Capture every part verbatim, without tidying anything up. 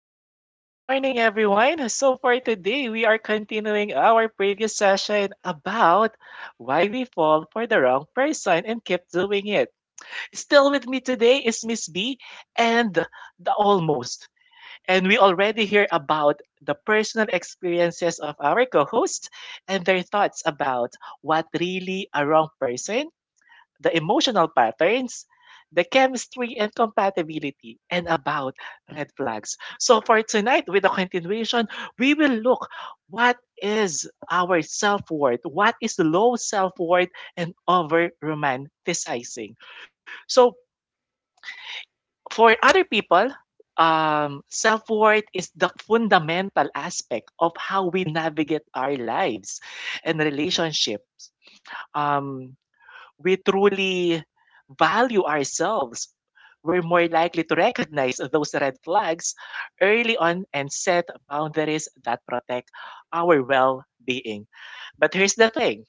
hello and good morning, everyone. So, for today, we are continuing our previous session about why we fall for the wrong person and keep doing it. Still with me today is Miss B and the almost. And we already hear about the personal experiences of our co hosts and their thoughts about what really a wrong person, the emotional patterns, the chemistry and compatibility, and about red flags. So for tonight, with the continuation, we will look what is our self-worth, what is low self-worth and over romanticizing. So for other people, um, self-worth is the fundamental aspect of how we navigate our lives and relationships. Um, we truly value ourselves, we're more likely to recognize those red flags early on and set boundaries that protect our well being. But here's the thing,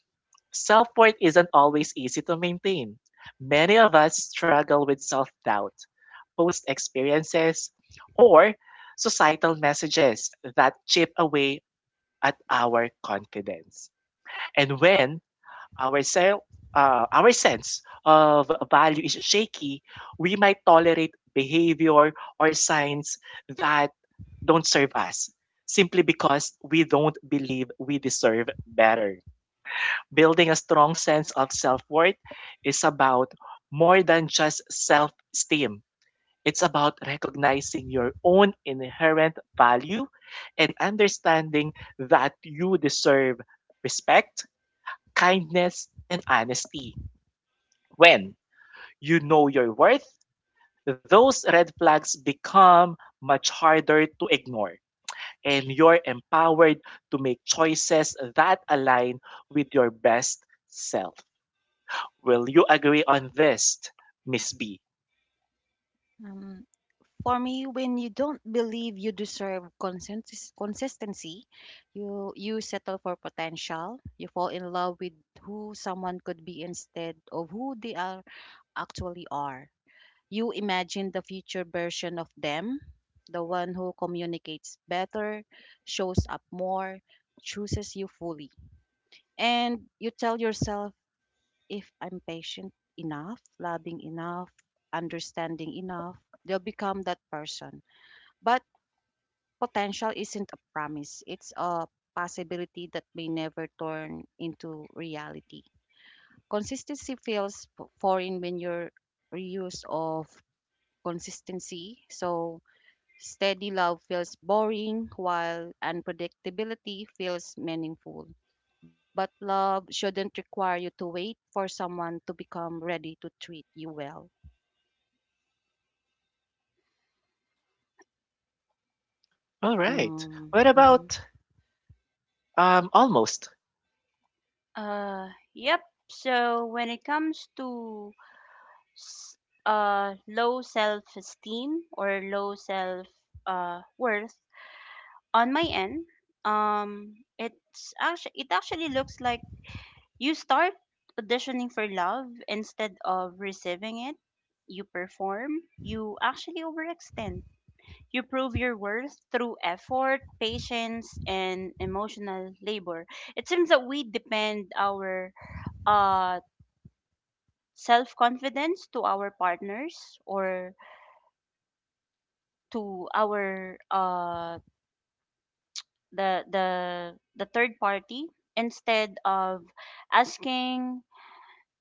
self worth isn't always easy to maintain. Many of us struggle with self doubt, post experiences, or societal messages that chip away at our confidence. And when our self uh, ourselves of value is shaky, we might tolerate behavior or signs that don't serve us simply because we don't believe we deserve better. Building a strong sense of self worth is about more than just self esteem. It's about recognizing your own inherent value and understanding that you deserve respect, kindness, and honesty. When you know your worth, those red flags become much harder to ignore, and you're empowered to make choices that align with your best self. Will you agree on this, Miss B? Um, for me, when you don't believe you deserve consens- consistency, you you settle for potential. You fall in love with who someone could be instead of who they are actually are. You imagine the future version of them, the one who communicates better, shows up more, chooses you fully. And you tell yourself if I'm patient enough, loving enough, understanding enough, they'll become that person. But potential isn't a promise, it's a possibility that may never turn into reality. Consistency feels f- foreign when you're reuse of consistency. So steady love feels boring, while unpredictability feels meaningful. But love shouldn't require you to wait for someone to become ready to treat you well. All right. Um, What Mhm. about um almost? Uh, yep. So when it comes to s- uh low self-esteem or low self uh worth on my end, um, it's actually it actually looks like you start auditioning for love instead of receiving it. You perform. You actually overextend. You prove your worth through effort, patience, and emotional labor. It seems that we depend our uh self confidence to our partners or to our uh the the the third party instead of asking,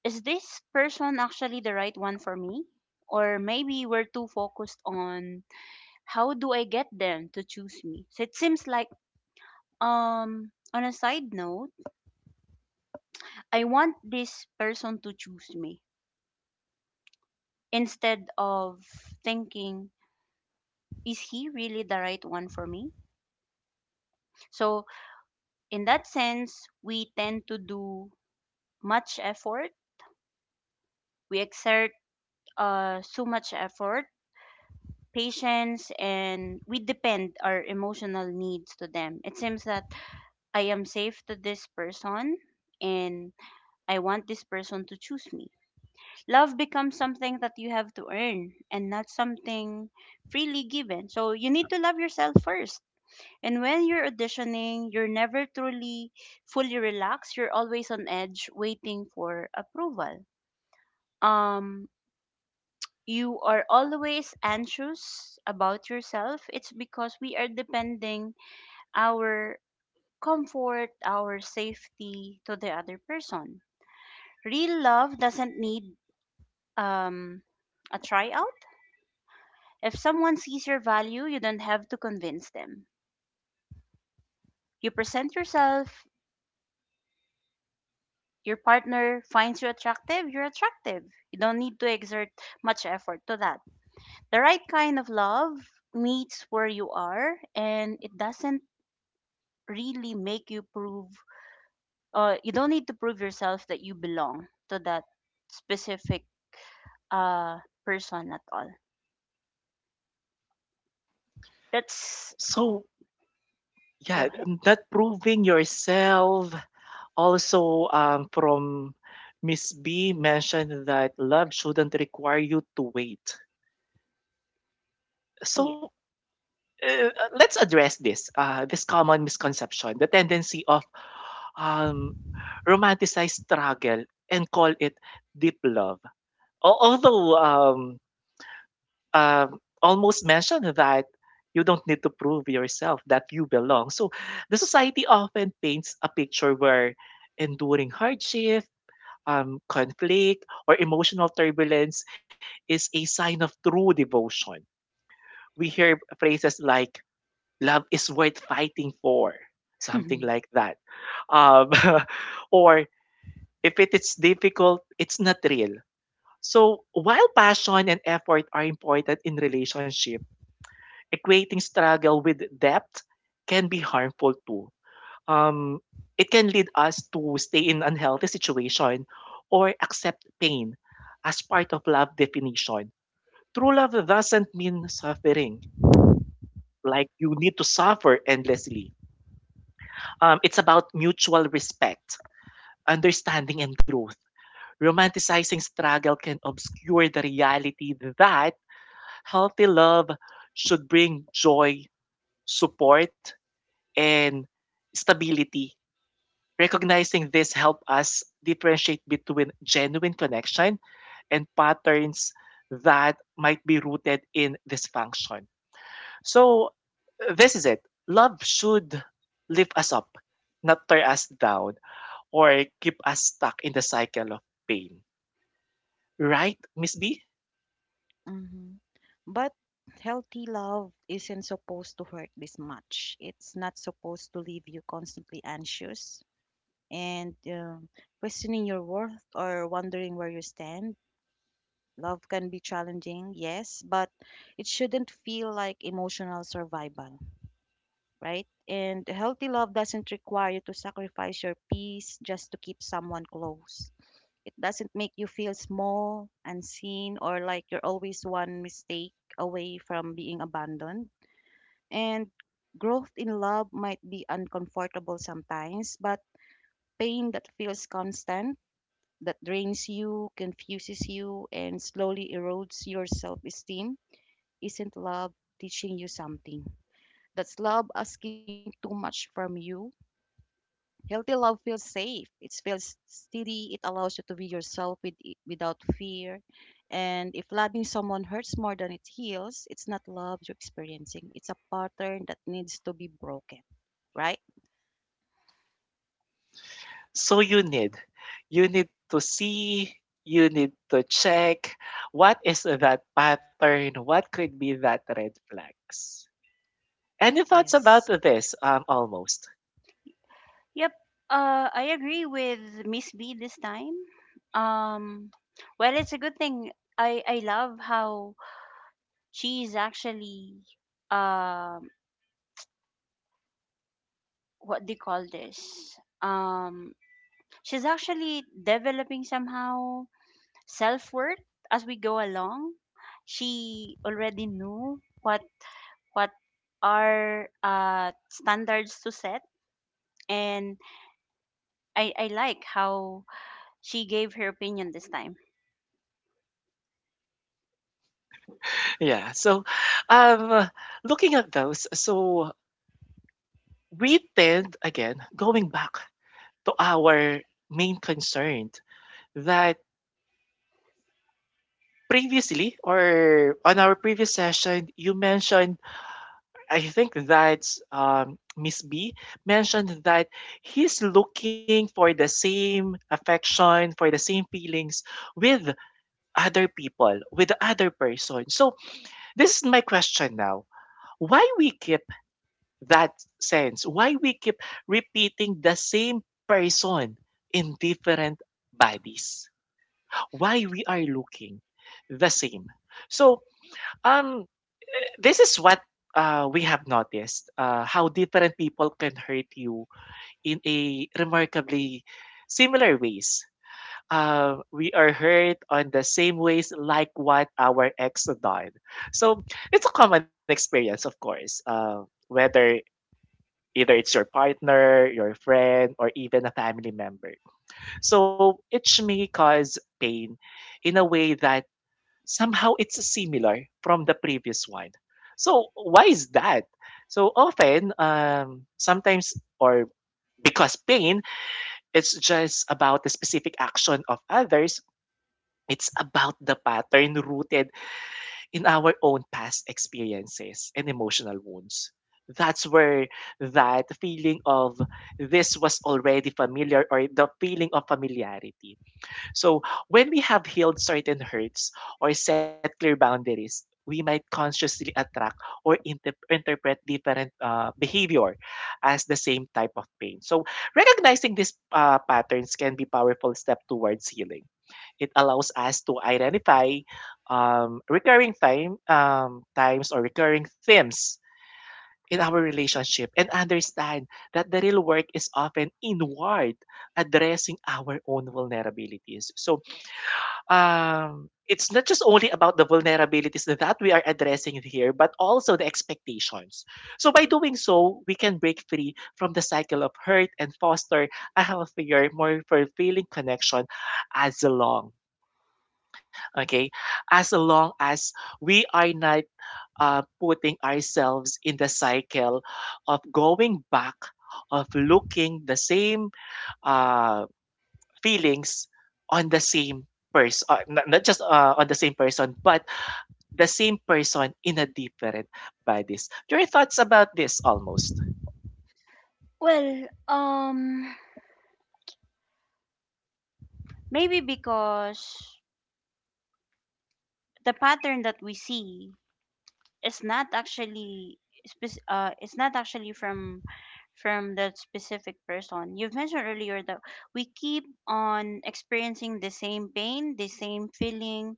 is this person actually the right one for me, or maybe we're too focused on how do I get them to choose me? So it seems like, um on a side note, I want this person to choose me instead of thinking, is he really the right one for me? So in that sense, we tend to do much effort. We exert uh, so much effort, patience, and we depend our emotional needs to them. It seems that I am safe to this person and I want this person to choose me. Love becomes something that you have to earn and not something freely given. So you need to love yourself first. And when you're auditioning, you're never truly fully relaxed. You're always on edge waiting for approval. Um you are always anxious about yourself. It's because we are depending our comfort, our safety to the other person. Real love doesn't need um a tryout. If someone sees your value, you don't have to convince them. You present yourself, your partner finds you attractive, you're attractive. You don't need to exert much effort to that. The right kind of love meets where you are and it doesn't really make you prove uh you don't need to prove yourself that you belong to that specific uh person at all. That's So, yeah, go ahead. not proving yourself. Also, um, from Miss B mentioned that love shouldn't require you to wait. Yeah. So uh, let's address this uh, this common misconception, the tendency of um, romanticize struggle and call it deep love. Al- although um, uh, almost mentioned that you don't need to prove yourself that you belong, so the society often paints a picture where enduring hardship, um, conflict or emotional turbulence is a sign of true devotion. We hear phrases like love is worth fighting for, something like that. Um, or if it is difficult, it's not real. So while passion and effort are important in relationship, equating struggle with depth can be harmful too. Um, it can lead us to stay in unhealthy situation or accept pain as part of love definition. True love doesn't mean suffering, like you need to suffer endlessly. Um, it's about mutual respect, understanding, and growth. Romanticizing struggle can obscure the reality that healthy love should bring joy, support, and stability. Recognizing this help us differentiate between genuine connection and patterns that might be rooted in dysfunction. So this is it. Love should lift us up, not tear us down, or keep us stuck in the cycle of pain. Right, Miss B? Mhm. But healthy love isn't supposed to hurt this much. It's not supposed to leave you constantly anxious and um, questioning your worth or wondering where you stand. Love can be challenging, yes, but it shouldn't feel like emotional survival, right? And healthy love doesn't require you to sacrifice your peace just to keep someone close. It doesn't make you feel small, unseen, or like you're always one mistake away from being abandoned. And growth in love might be uncomfortable sometimes, but pain that feels constant, that drains you, confuses you, and slowly erodes your self esteem isn't love teaching you something? That's love asking too much from you. Healthy love feels safe. It feels steady. It allows you to be yourself with, without fear. And if loving someone hurts more than it heals, it's not love you're experiencing. It's a pattern that needs to be broken, right? So you need, you need to see, you need to check what is that pattern, what could be that red flags. Any thoughts about Yes. this? Um, almost. yep. Uh I agree with Miss B this time. Um well, it's a good thing. I I love how she's actually um what do you call this? Um she's actually developing somehow self-worth as we go along. She already knew what what are uh standards to set, and I I like how she gave her opinion this time. Yeah. So, um, looking at those, so we tend, again, going back to our main concern that previously or on our previous session, you mentioned, I think that's um, Miss B mentioned that he's looking for the same affection, for the same feelings with other people, with the other person. So, this is my question now. Why we keep that sense, why we keep repeating the same person in different bodies, why we are looking the same? So um this is what uh, we have noticed, uh, how different people can hurt you in a remarkably similar ways. uh, we are hurt on the same ways like what our ex done. So it's a common experience, of course. Uh, whether Either it's your partner, your friend, or even a family member. So each may cause pain in a way that somehow it's similar from the previous one. So why is that? So often, um, sometimes, or because pain it's just about the specific action of others, it's about the pattern rooted in our own past experiences and emotional wounds. That's where that feeling of this was already familiar, or the feeling of familiarity. So when we have healed certain hurts or set clear boundaries, we might consciously attract or inter- interpret different uh, behavior as the same type of pain. So recognizing these uh, patterns can be powerful step towards healing. It allows us to identify um, recurring time um, times or recurring themes in our relationship and understand that the real work is often inward, addressing our own vulnerabilities. So um, it's not just only about the vulnerabilities that we are addressing here, but also the expectations. So, by doing so, we can break free from the cycle of hurt and foster a healthier, more fulfilling connection, as long, okay, as long as we are not uh, putting ourselves in the cycle of going back, of looking the same, uh, feelings on the same person, uh, not, not just uh, on the same person, but the same person in a different bodies. Your thoughts about this, almost. Well, um maybe because the pattern that we see, it's not actually spec- uh it's not actually from from that specific person you've mentioned earlier, that we keep on experiencing the same pain, the same feeling,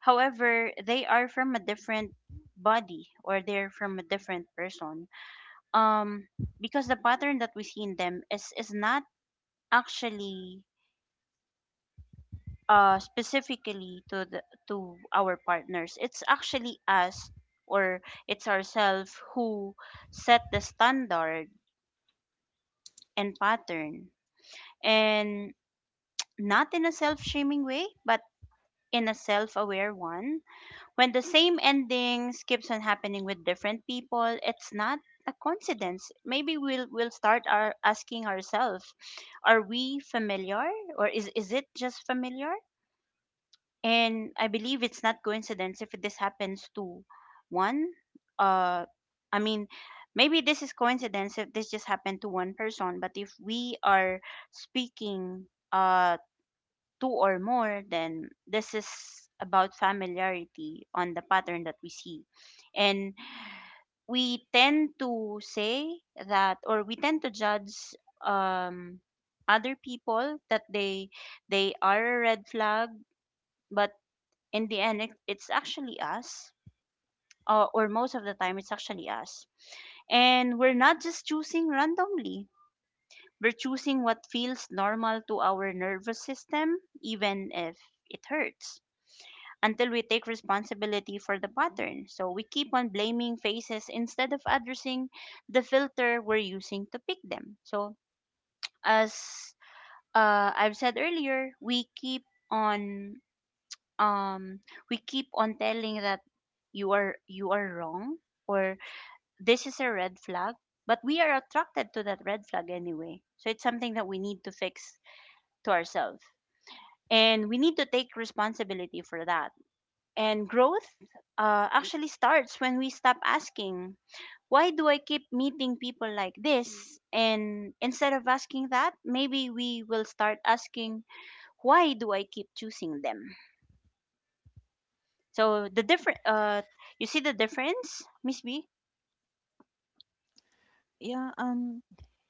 however they are from a different body or they're from a different person. um because the pattern that we see in them is is not actually uh specifically to the to our partners, it's actually us, or it's ourselves who set the standard and pattern. And not in a self-shaming way, but in a self-aware one. When the same endings keeps on happening with different people, it's not a coincidence. Maybe we'll we'll start our asking ourselves, are we familiar, or is is it just familiar? And I believe it's not coincidence if this happens to one. Uh, I mean, maybe this is coincidence if this just happened to one person, but if we are speaking uh, two or more, then this is about familiarity on the pattern that we see. And we tend to say that, or we tend to judge um, other people, that they they are a red flag, but in the end it, it's actually us, uh, or most of the time it's actually us. And we're not just choosing randomly, we're choosing what feels normal to our nervous system, even if it hurts, until we take responsibility for the pattern. So we keep on blaming faces instead of addressing the filter we're using to pick them. So as uh, I've said earlier, we keep on um we keep on telling that you are you are wrong, or this is a red flag, but we are attracted to that red flag anyway. So it's something that we need to fix to ourselves, and we need to take responsibility for that. And growth uh, actually starts when we stop asking, why do I keep meeting people like this, and instead of asking that, maybe we will start asking, why do I keep choosing them? So the different uh you see the difference, Miss B? Yeah. Um.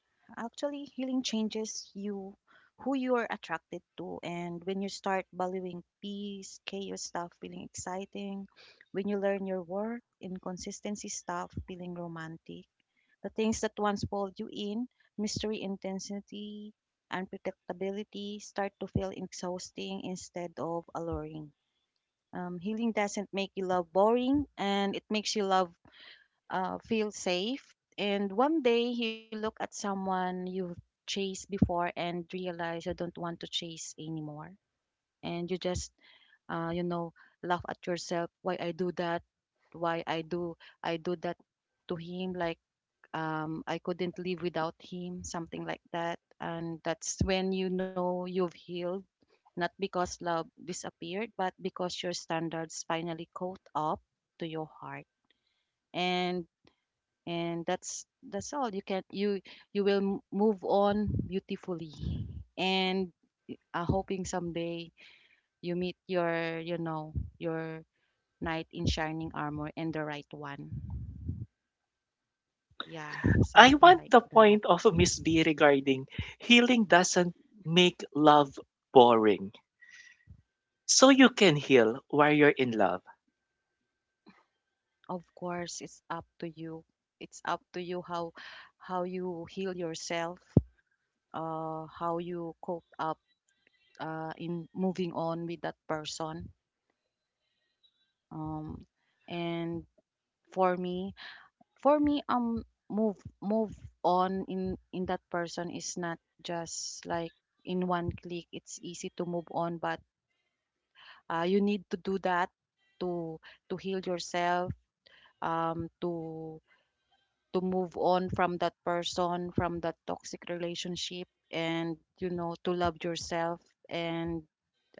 Actually, healing changes you, who you are attracted to. And when you start valuing peace, chaos stuff feeling exciting. When you learn your worth, inconsistency stuff feeling romantic. The things that once pulled you in, mystery, intensity, unpredictability start to feel exhausting instead of alluring. Um, healing doesn't make you love boring, and it makes you love uh, feel safe. And one day you look at someone you've chased before and realize you don't want to chase anymore. And you just, uh, you know, laugh at yourself, why I do that, why I do I do that to him. Like um, I couldn't live without him, something like that. And that's when you know you've healed, not because love disappeared, but because your standards finally caught up to your heart. And and that's that's all you can you you will m- move on beautifully, and uh, hoping someday you meet your, you know, your knight in shining armor and the right one. Yeah, I want something the like point that. of Miss B regarding healing doesn't make love boring. So you can heal while you're in love. Of course, it's up to you. It's up to you how how you heal yourself, uh how you cope up uh in moving on with that person. Um and For me, for me um move move on in in that person is not just like in one click it's easy to move on, but uh, you need to do that to to heal yourself, um to to move on from that person, from that toxic relationship, and you know, to love yourself. And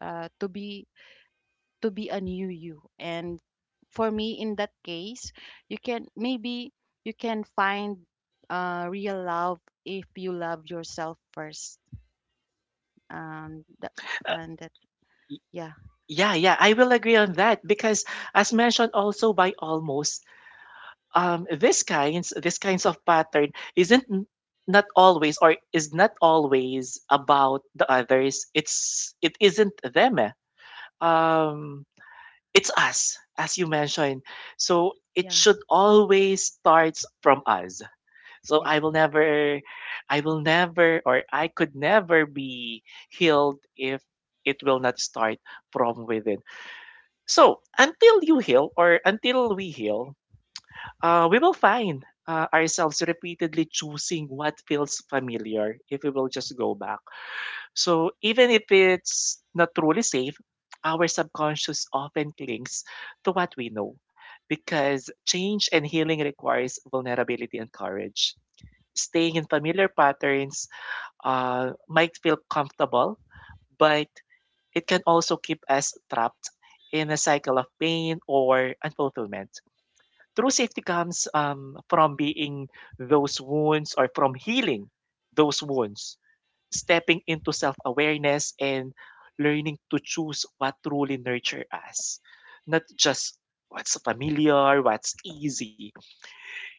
uh, to be to be a new you. And for me, in that case, you can, maybe you can find uh, real love if you love yourself first. Um, that, and that, Y- yeah, Yeah, yeah, I will agree on that because as mentioned also by almost, um, this kinds this kinds of pattern isn't n- not always, or is not always about the others, it's it isn't them eh. um it's us, as you mentioned, so it yeah, should always starts from us. So yeah, I will never I will never or I could never be healed if it will not start from within. So until you heal, or until we heal, uh, we will find uh, ourselves repeatedly choosing what feels familiar if we will just go back. So even if it's not truly safe, our subconscious often clings to what we know because change and healing requires vulnerability and courage. Staying in familiar patterns uh, might feel comfortable, but it can also keep us trapped in a cycle of pain or unfulfillment. True safety comes um, from being those wounds, or from healing those wounds, stepping into self awareness and learning to choose what truly nurture us, not just what's familiar, what's easy.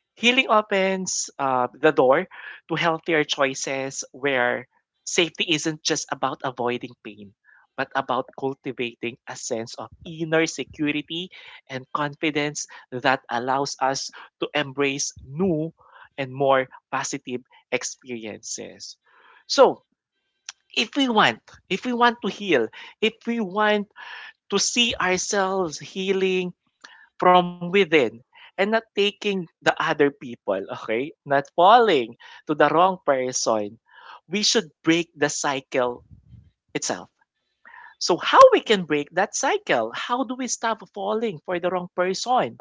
Healing opens uh, the door to healthier choices where safety isn't just about avoiding pain, but about cultivating a sense of inner security and confidence that allows us to embrace new and more positive experiences. So, if we want, if we want to heal, if we want to see ourselves healing, from within and not taking the other people, okay? Not falling to the wrong person. We should break the cycle itself. So how we can break that cycle? How do we stop falling for the wrong person?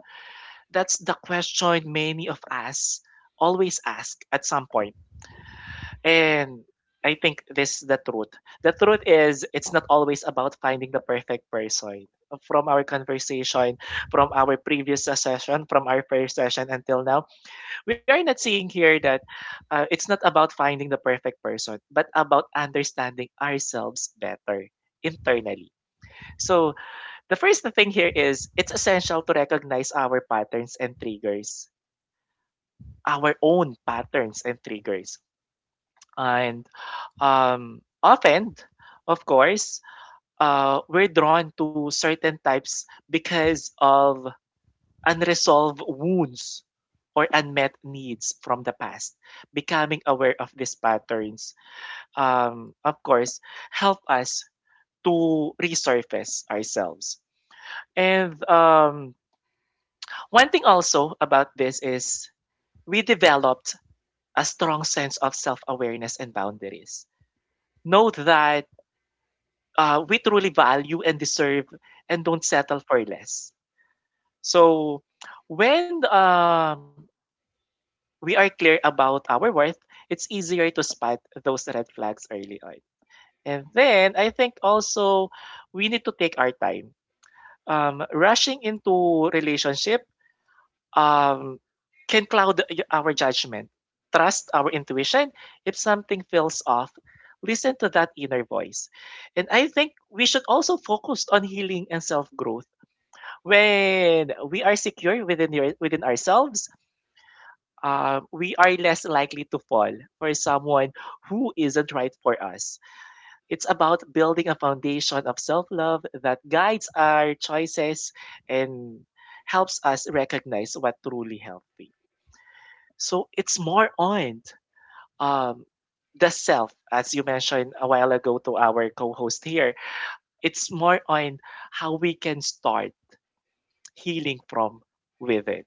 That's the question many of us always ask at some point, and I think this is the truth. The truth is, it's not always about finding the perfect person. From our conversation, from our previous session, from our first session until now, we are not seeing here that uh, it's not about finding the perfect person, but about understanding ourselves better internally. So, the first thing here is it's essential to recognize our patterns and triggers, our own patterns and triggers. And um, often, of course, uh, we're drawn to certain types because of unresolved wounds or unmet needs from the past. Becoming aware of these patterns, um, of course, help us to resurface ourselves. And um, one thing also about this is we developed a strong sense of self awareness and boundaries. Know that uh, we truly value and deserve, and don't settle for less. So when uh, we are clear about our worth, it's easier to spot those red flags early on. And then I think also we need to take our time. Um, rushing into relationship um, can cloud our judgment. Trust our intuition. If something feels off, listen to that inner voice. And I think we should also focus on healing and self growth. When we are secure within, your, within ourselves, um, we are less likely to fall for someone who isn't right for us. It's about building a foundation of self love that guides our choices and helps us recognize what truly healthy. So it's more on um, the self, as you mentioned a while ago to our co host here. It's more on how we can start healing from within.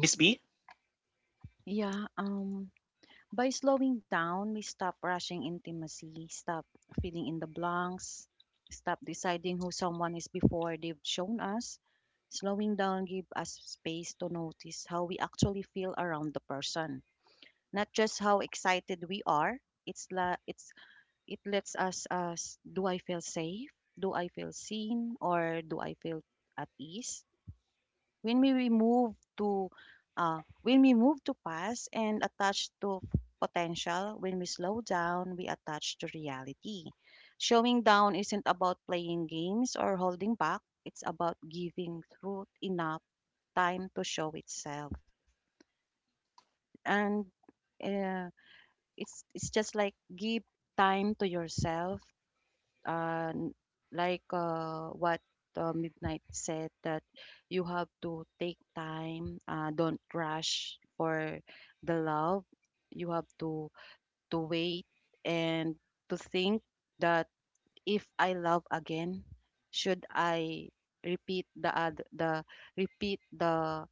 Miss B? yeah. Um, by slowing down, we stop rushing intimacy, stop filling in the blanks, stop deciding who someone is before they've shown us. Slowing down give us space to notice how we actually feel around the person, not just how excited we are. It's la it's it lets us us do I feel safe? Do I feel seen or do I feel at ease? When we we move to uh when we move to past and attach to potential, when we slow down, we attach to reality. Showing down isn't about playing games or holding back. It's about giving truth enough time to show itself. And uh, it's it's just like give time to yourself, uh n- like uh what uh, midnight said that you have to take time, uh don't rush for the love. You have to to wait and to think that if I love again should I repeat the ad- the repeat the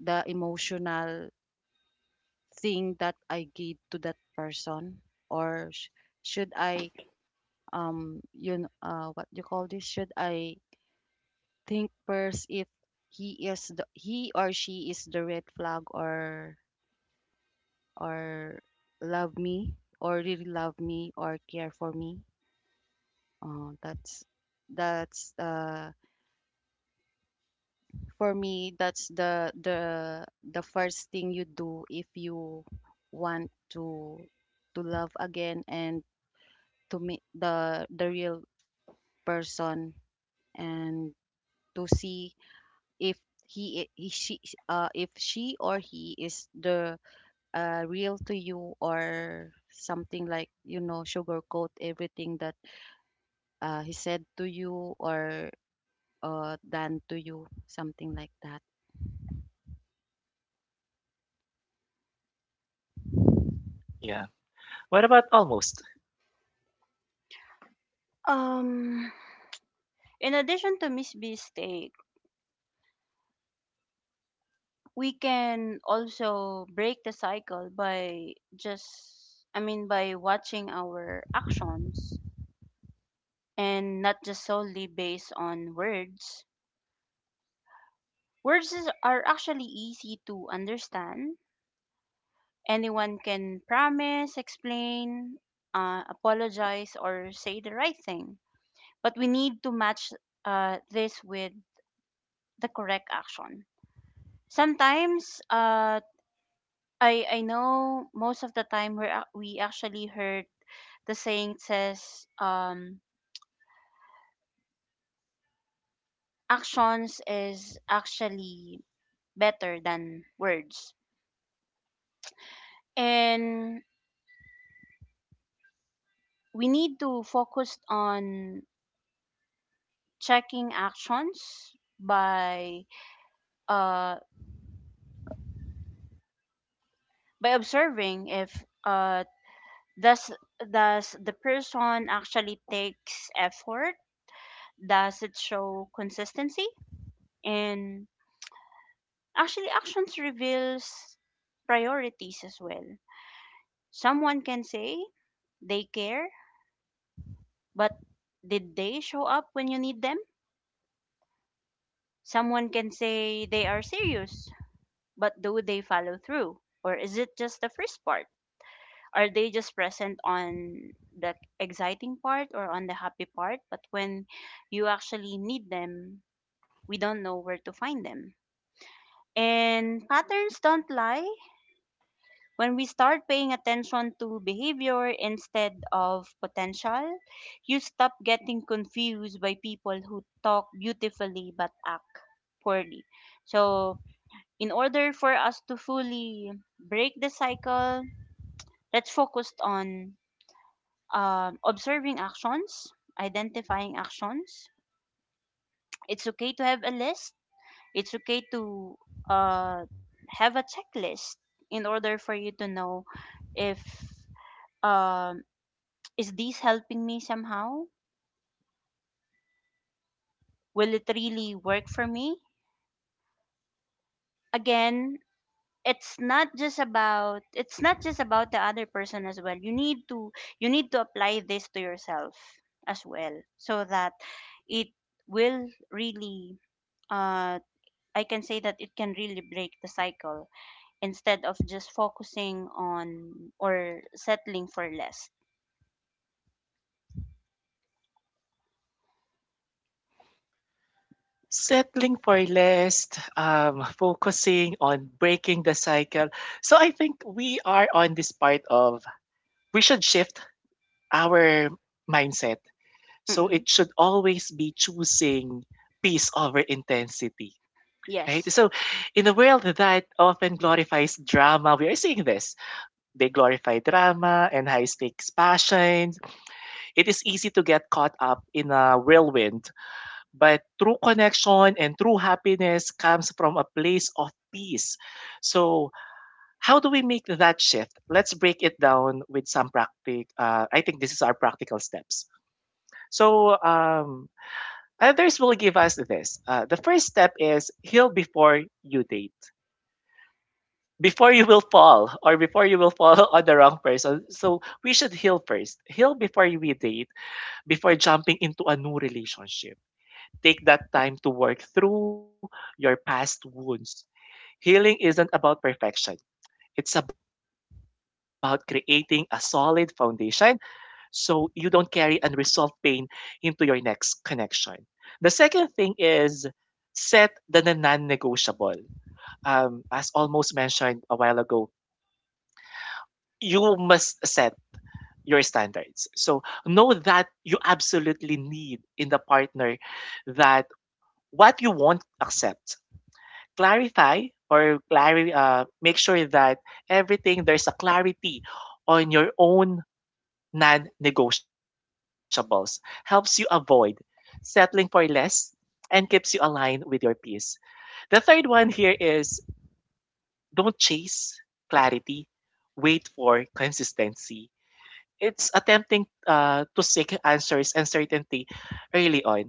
the emotional thing that I gave to that person, or sh- should I, um you know, uh what you call this should I think first if he is the, he or she is the red flag, or or love me, or really love me or care for me. Uh, that's that's uh For me, that's the the the first thing you do if you want to to love again, and to meet the the real person, and to see if he, he she, uh, if she or he is the uh real to you, or something like, you know, sugarcoat everything that uh he said to you, or uh done to you, something like that. Yeah. What about almost? Um, In addition to Miss B's take, we can also break the cycle by just, I mean, by watching our actions and not just solely based on words. Words is, are actually easy to understand. Anyone can promise, explain, uh, apologize, or say the right thing. But we need to match uh, this with the correct action. Sometimes, uh, I I know most of the time we we actually heard the saying says, um, actions is actually better than words, and we need to focus on checking actions by uh, by observing if uh, does does the person actually takes effort, does it show consistency, and actually actions reveals priorities as well. Someone can say they care, but did they show up when you need them? Someone can say they are serious, but do they follow through, or is it just the first part? Are they just present on the exciting part or on the happy part, but when you actually need them, we don't know where to find them? And patterns don't lie. When we start paying attention to behavior instead of potential, you stop getting confused by people who talk beautifully but act poorly. So, in order for us to fully break the cycle, let's focus on um, observing actions, identifying actions. It's okay to have a list. It's okay to uh, have a checklist in order for you to know if um is this helping me somehow? Will it really work for me? Again, it's not just about it's not just about the other person as well. You need to you need to apply this to yourself as well, so that it will really uh I can say that it can really break the cycle, instead of just focusing on or settling for less. Settling for less, um, focusing on breaking the cycle. So I think we are on this part of we should shift our mindset. So Hmm. it should always be choosing peace over intensity. Right? Yes. So, in a world that often glorifies drama, we are seeing this. They glorify drama and high stakes passions. It is easy to get caught up in a whirlwind, but true connection and true happiness comes from a place of peace. So, how do we make that shift? Let's break it down with some practical. Uh, I think this is our practical steps. So, um, others will give us this. Uh, the first step is heal before you date before you will fall or before you will fall on the wrong person. So we should heal first. Heal before we date, before jumping into a new relationship. Take that time to work through your past wounds. Healing isn't about perfection. It's about creating a solid foundation so you don't carry unresolved pain into your next connection. The second thing is set the non negotiable. Um, as almost mentioned a while ago, you must set your standards. So know that you absolutely need in the partner that what you won't accept. Clarify or clari- uh, make sure that everything there's a clarity on your own non-negotiables. Helps you avoid settling for less and keeps you aligned with your peers. The third one here is don't chase clarity, wait for consistency. It's attempting uh, to seek answers and certainty early on.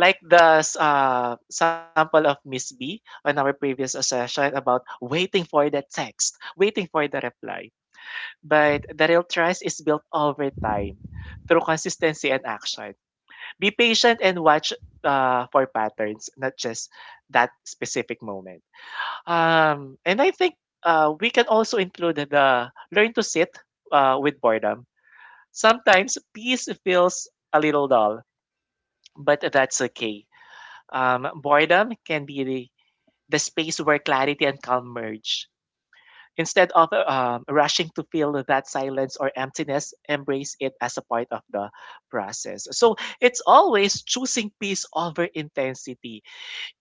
Like the s- uh, sample of Miss B on our previous session about waiting for the text, waiting for the reply. But the real trust is built over time through consistency and action. Be patient and watch uh, for patterns, not just that specific moment. Um, and I think uh, we can also include the learn to sit uh, with boredom. Sometimes peace feels a little dull, but that's okay. Um, boredom can be the, the space where clarity and calm merge. Instead of um, rushing to fill that silence or emptiness, embrace it as a part of the process. So it's always choosing peace over intensity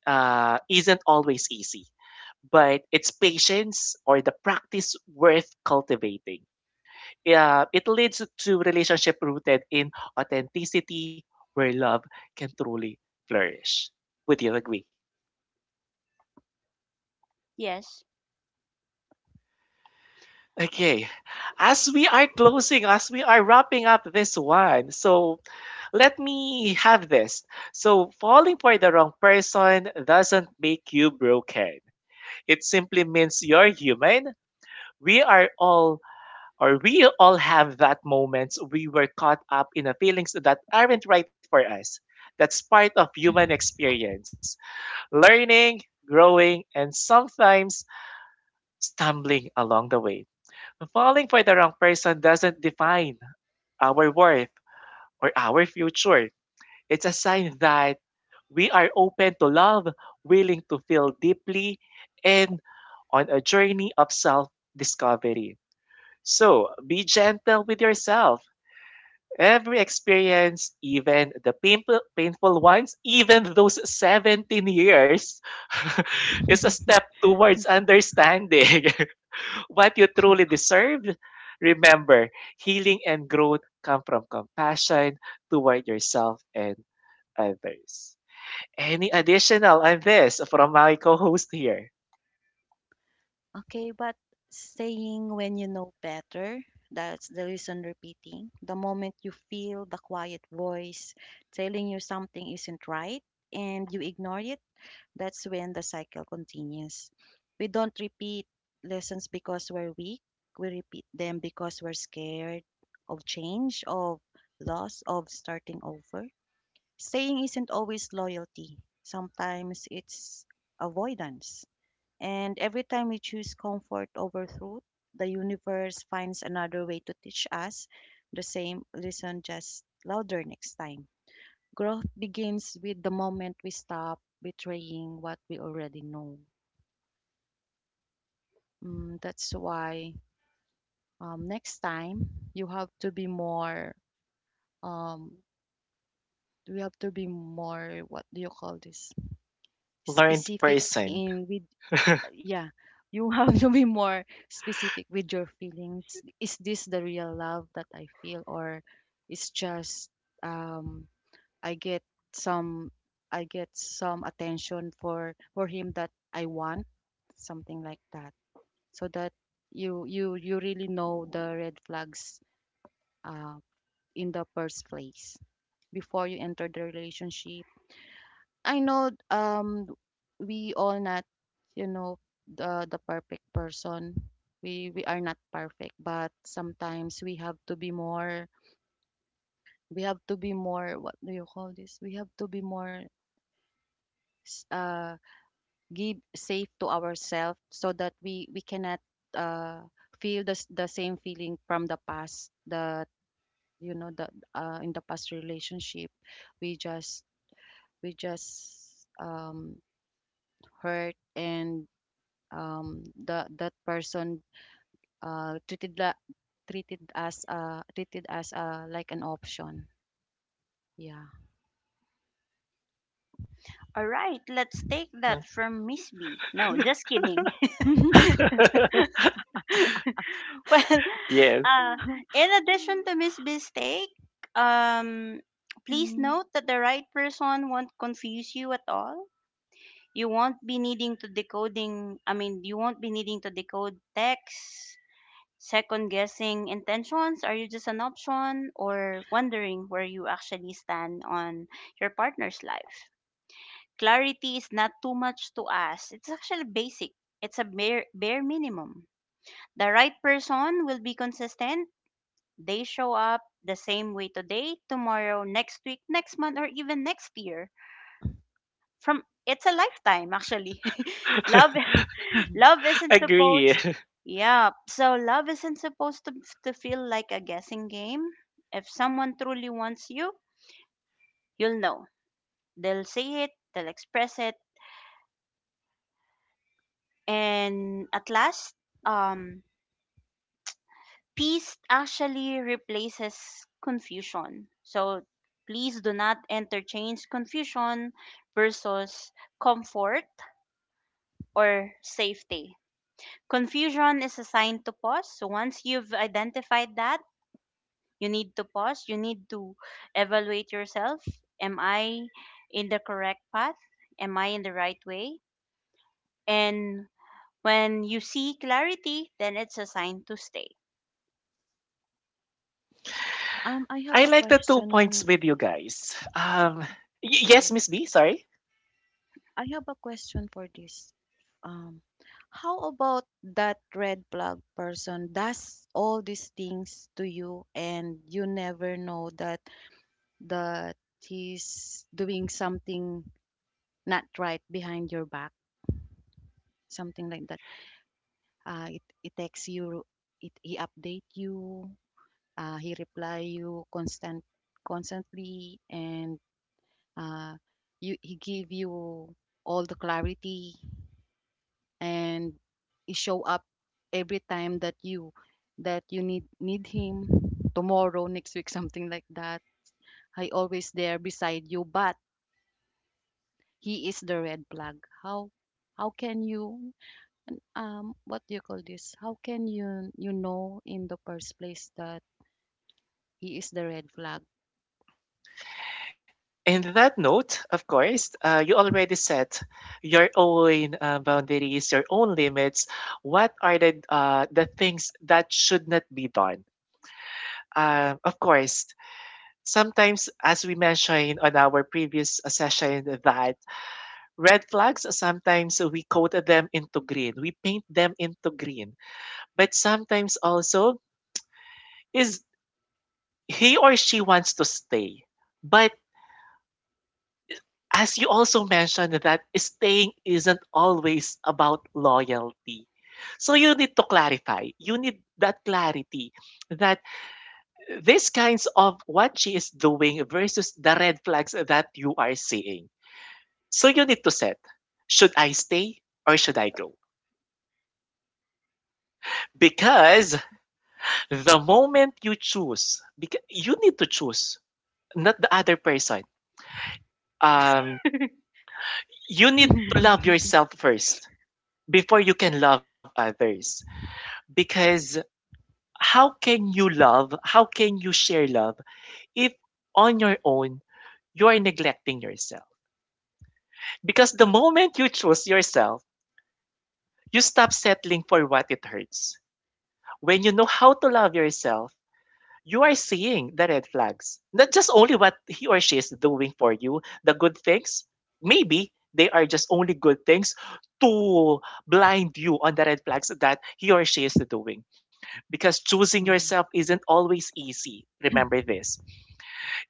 uh, isn't always easy, but it's patience or the practice worth cultivating. Yeah, it leads to relationship rooted in authenticity where love can truly flourish. Would you agree? Yes. Okay, as we are closing, as we are wrapping up this one, so let me have this. So, falling for the wrong person doesn't make you broken. It simply means you're human. We are all or we all have that moments we were caught up in the feelings that aren't right for us. That's part of human experience, learning, growing, and sometimes stumbling along the way. Falling for the wrong person doesn't define our worth or our future. It's a sign that we are open to love, willing to feel deeply, and on a journey of self discovery. So be gentle with yourself. Every experience, even the painful, painful ones, even those seventeen years, is a step towards understanding what you truly deserve. Remember, healing and growth come from compassion toward yourself and others. Any additional on this from my co host here? Okay, but staying when you know better, that's the reason repeating. The moment you feel the quiet voice telling you something isn't right and you ignore it, that's when the cycle continues. We don't repeat lessons because we're weak, we repeat them because we're scared of change, of loss, of starting over. Staying isn't always loyalty, sometimes it's avoidance. And every time we choose comfort over truth, the universe finds another way to teach us the same lesson, just louder next time. Growth begins with the moment we stop betraying what we already know. Mm, that's why, um, next time you have to be more, um, you have to be more, what do you call this? Learned Specific person. in with, yeah, you have to be more specific with your feelings. Is this the real love that I feel, or it's just, um I get some, I get some attention for for him that I want, something like that. So that you you you really know the red flags uh in the first place, before you enter the relationship. I know, um we all not, you know, the the perfect person. We we are not perfect, but sometimes we have to be more. We have to be more. What do you call this? We have to be more s- uh give safe to ourselves so that we we cannot uh feel the s- the same feeling from the past, that you know, the uh in the past relationship we just we just um hurt and, um, the that person, uh, treated la- treated as uh, treated as, uh, like an option. Yeah. All right, let's take that from Miss B. No, just kidding. Well, Yes, uh, in addition to Miss Mistake, um, please Mm. note that the right person won't confuse you at all. You won't be needing to decoding. I mean, you won't be needing to decode text, second guessing intentions. Are you just an option, or wondering where you actually stand on your partner's life? Clarity is not too much to ask. It's actually basic. It's a bare bare minimum. The right person will be consistent. They show up the same way today, tomorrow, next week, next month, or even next year. From, it's a lifetime actually. love um, love isn't agree. supposed yeah, so love isn't supposed to to feel like a guessing game. If someone truly wants you, you'll know. They'll say it, they'll express it, and at last, um peace actually replaces confusion. So please do not interchange confusion versus comfort or safety. Confusion is a sign to pause. So once you've identified that, you need to pause, you need to evaluate yourself. Am I in the correct path? Am I in the right way? And when you see clarity, then it's a sign to stay. I have a I like the two question. points with you guys. Um, y- Yeah, yes, Miss B, sorry. I have a question for this. Um, how about that red flag person does all these things to you, and you never know that that he's doing something not right behind your back, something like that. Uh, it, it texts you, it he update you, uh, he reply you constant constantly, and uh, you he give you all the clarity, and he show up every time that you that you need need him, tomorrow, next week, something like that. I always there beside you, but he is the red flag. How how can you, um what do you call this how can you, you know, in the first place, that he is the red flag. And that note, of course, uh, you already set your own uh, boundaries, your own limits. What are the uh, the things that should not be done? Um, of course, sometimes, as we mentioned on our previous uh, session, that red flags sometimes we coat them into green, we paint them into green, but sometimes also is he or she wants to stay. But as you also mentioned that staying isn't always about loyalty. So you need to clarify. You need that clarity that these kinds of what she is doing versus the red flags that you are seeing. So you need to set, should I stay or should I go? Because the moment you choose, because you need to choose, not the other person. Um, I you need to love yourself first before you can love others. Because how can you love, how can you share love if on your own you're neglecting yourself? Because the moment you choose yourself, you stop settling for what it hurts. When you know how to love yourself, you are seeing the red flags. Not just only what he or she is doing for you, the good things, maybe they are just only good things to blind you on the red flags that he or she is doing because choosing Mhm. yourself isn't always easy. Remember this.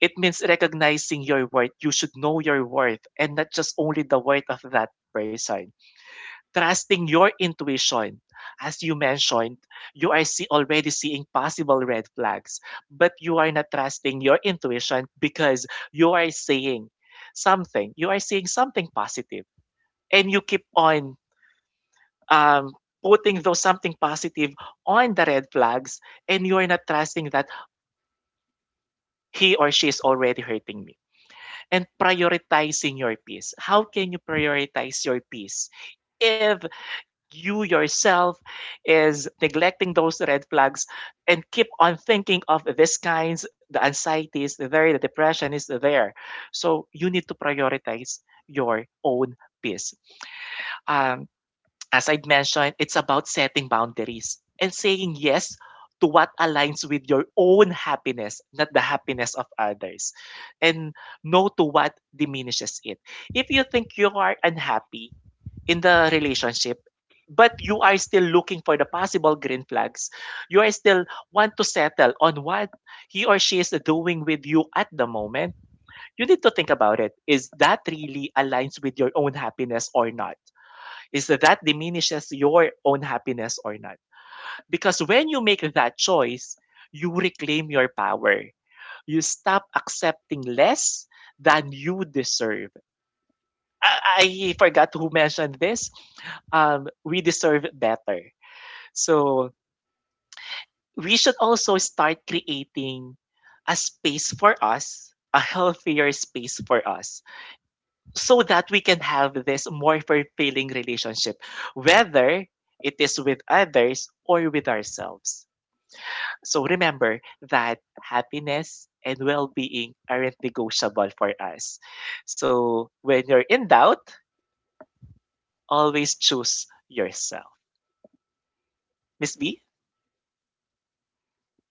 It means recognizing your worth. You should know your worth and not just only the worth of that person. Trusting your intuition. As you mentioned, you are see, already seeing possible red flags, but you are not trusting your intuition because you are saying something. You are seeing something positive, and you keep on um, putting those something positive on the red flags and you are not trusting that he or she is already hurting me. And prioritizing your peace. How can you prioritize your peace if you yourself is neglecting those red flags and keep on thinking of this kinds, the anxiety is there, the depression is there. So you need to prioritize your own peace. Um, as i mentioned, it's about setting boundaries and saying yes to what aligns with your own happiness, not the happiness of others, and no to what diminishes it. If you think you are unhappy in the relationship, but you are still looking for the possible green flags, you are still want to settle on what he or she is doing with you at the moment, you need to think about it. Is that really aligns with your own happiness or not? Is that that diminishes your own happiness or not. Because when you make that choice, you reclaim your power. You stop accepting less than you deserve. I, I forgot who mentioned this. Um, we deserve better. So we should also start creating a space for us, a healthier space for us so that we can have this more fulfilling relationship, whether it is with others or with ourselves. So remember that happiness and well being aren't negotiable for us. So when you're in doubt, always choose yourself. Miss B?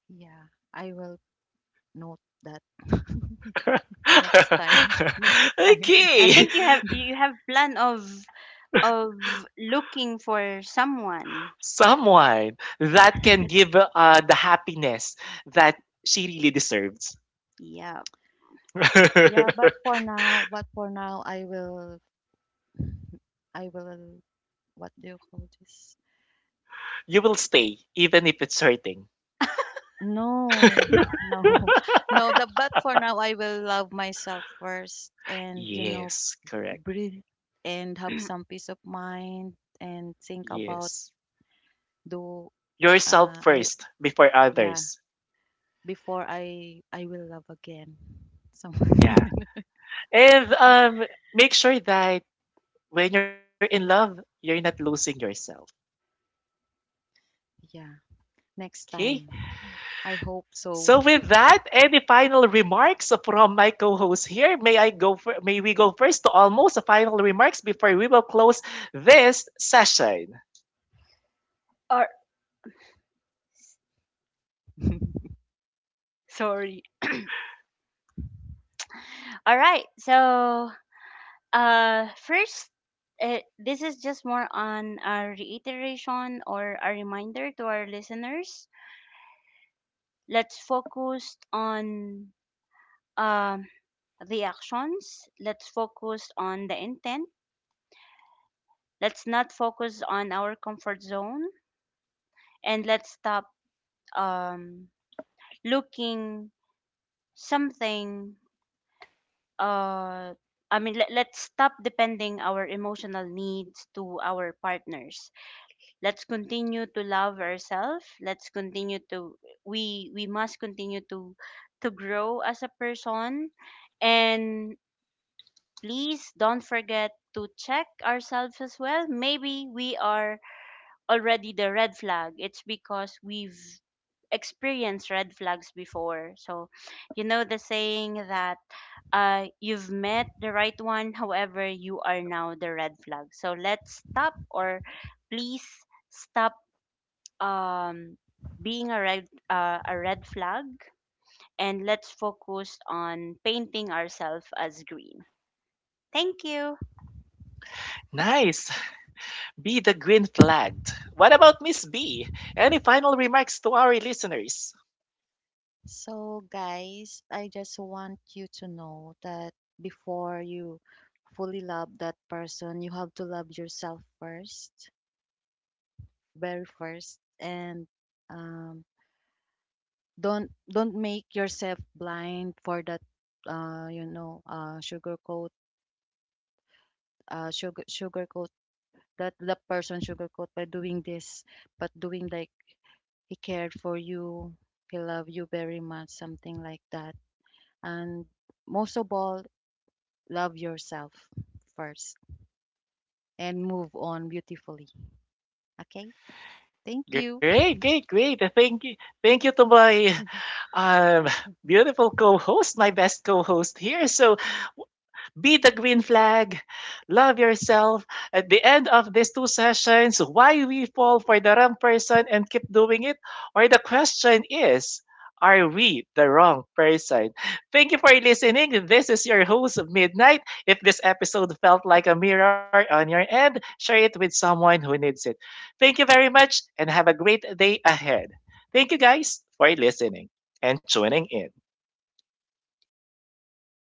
Yeah, I will note that next time. Next time. Okay. think you have you have plan of of looking for someone. Someone that can give uh, the happiness that she really deserves. Yeah. Yeah, but for now, but for now, I will, I will. What do you call this? You will stay even if it's hurting. No, No, no, no. The but for now, I will love myself first, and you know, Yes, correct. breathe and have some peace of mind, and think about Yes. do. Yourself Uh, I first before Yeah. others. Before I I will love again. So Yeah. And um make sure that when you're in love, you're not losing yourself. yeah, next Okay? time. I hope So so. with that, any final remarks from my co-host here? May I go for, may we go first to almost final remarks before we will close this session. or sorry. All right. So, uh, first, uh, this is just more on a reiteration or a reminder to our listeners. Let's focus on um, the actions. Let's focus on the intent. Let's not focus on our comfort zone, and let's stop um, looking something uh I mean, let, let's stop depending our emotional needs to our partners. Let's continue to love ourselves. Let's continue to we we must continue to to grow as a person, and please don't forget to check ourselves as well. Maybe we are already the red flag. It's because we've experienced red flags before. So, you know the saying that uh, you've met the right one, however, you are now the red flag. So let's stop, or please stop um, being a red uh, a red flag, and let's focus on painting ourselves as green. Thank you. Nice. Be the green flagged. What about Miss B? Any final remarks to our listeners? So guys, I just want you to know that before you fully love that person, you have to love yourself first, very first, and, um, don't don't make yourself blind for that, uh, you know, uh, sugarcoat uh, sugar sugarcoated, that the person sugarcoat by doing this, but doing like he cared for you, he loved you very much, something like that. And most of all, love yourself first and move on beautifully. Okay? Thank you. Great, great, great. Uh, Thank you. Thank you to my um, beautiful co-host, my best co-host here. So be the green flag. Love yourself. At the end of these two sessions, why we fall for the wrong person and keep doing it? Or the question is, are we the wrong person? Thank you for listening. This is your host, Midnight. If this episode felt like a mirror on your end, share it with someone who needs it. Thank you very much and have a great day ahead. Thank you guys for listening and tuning in.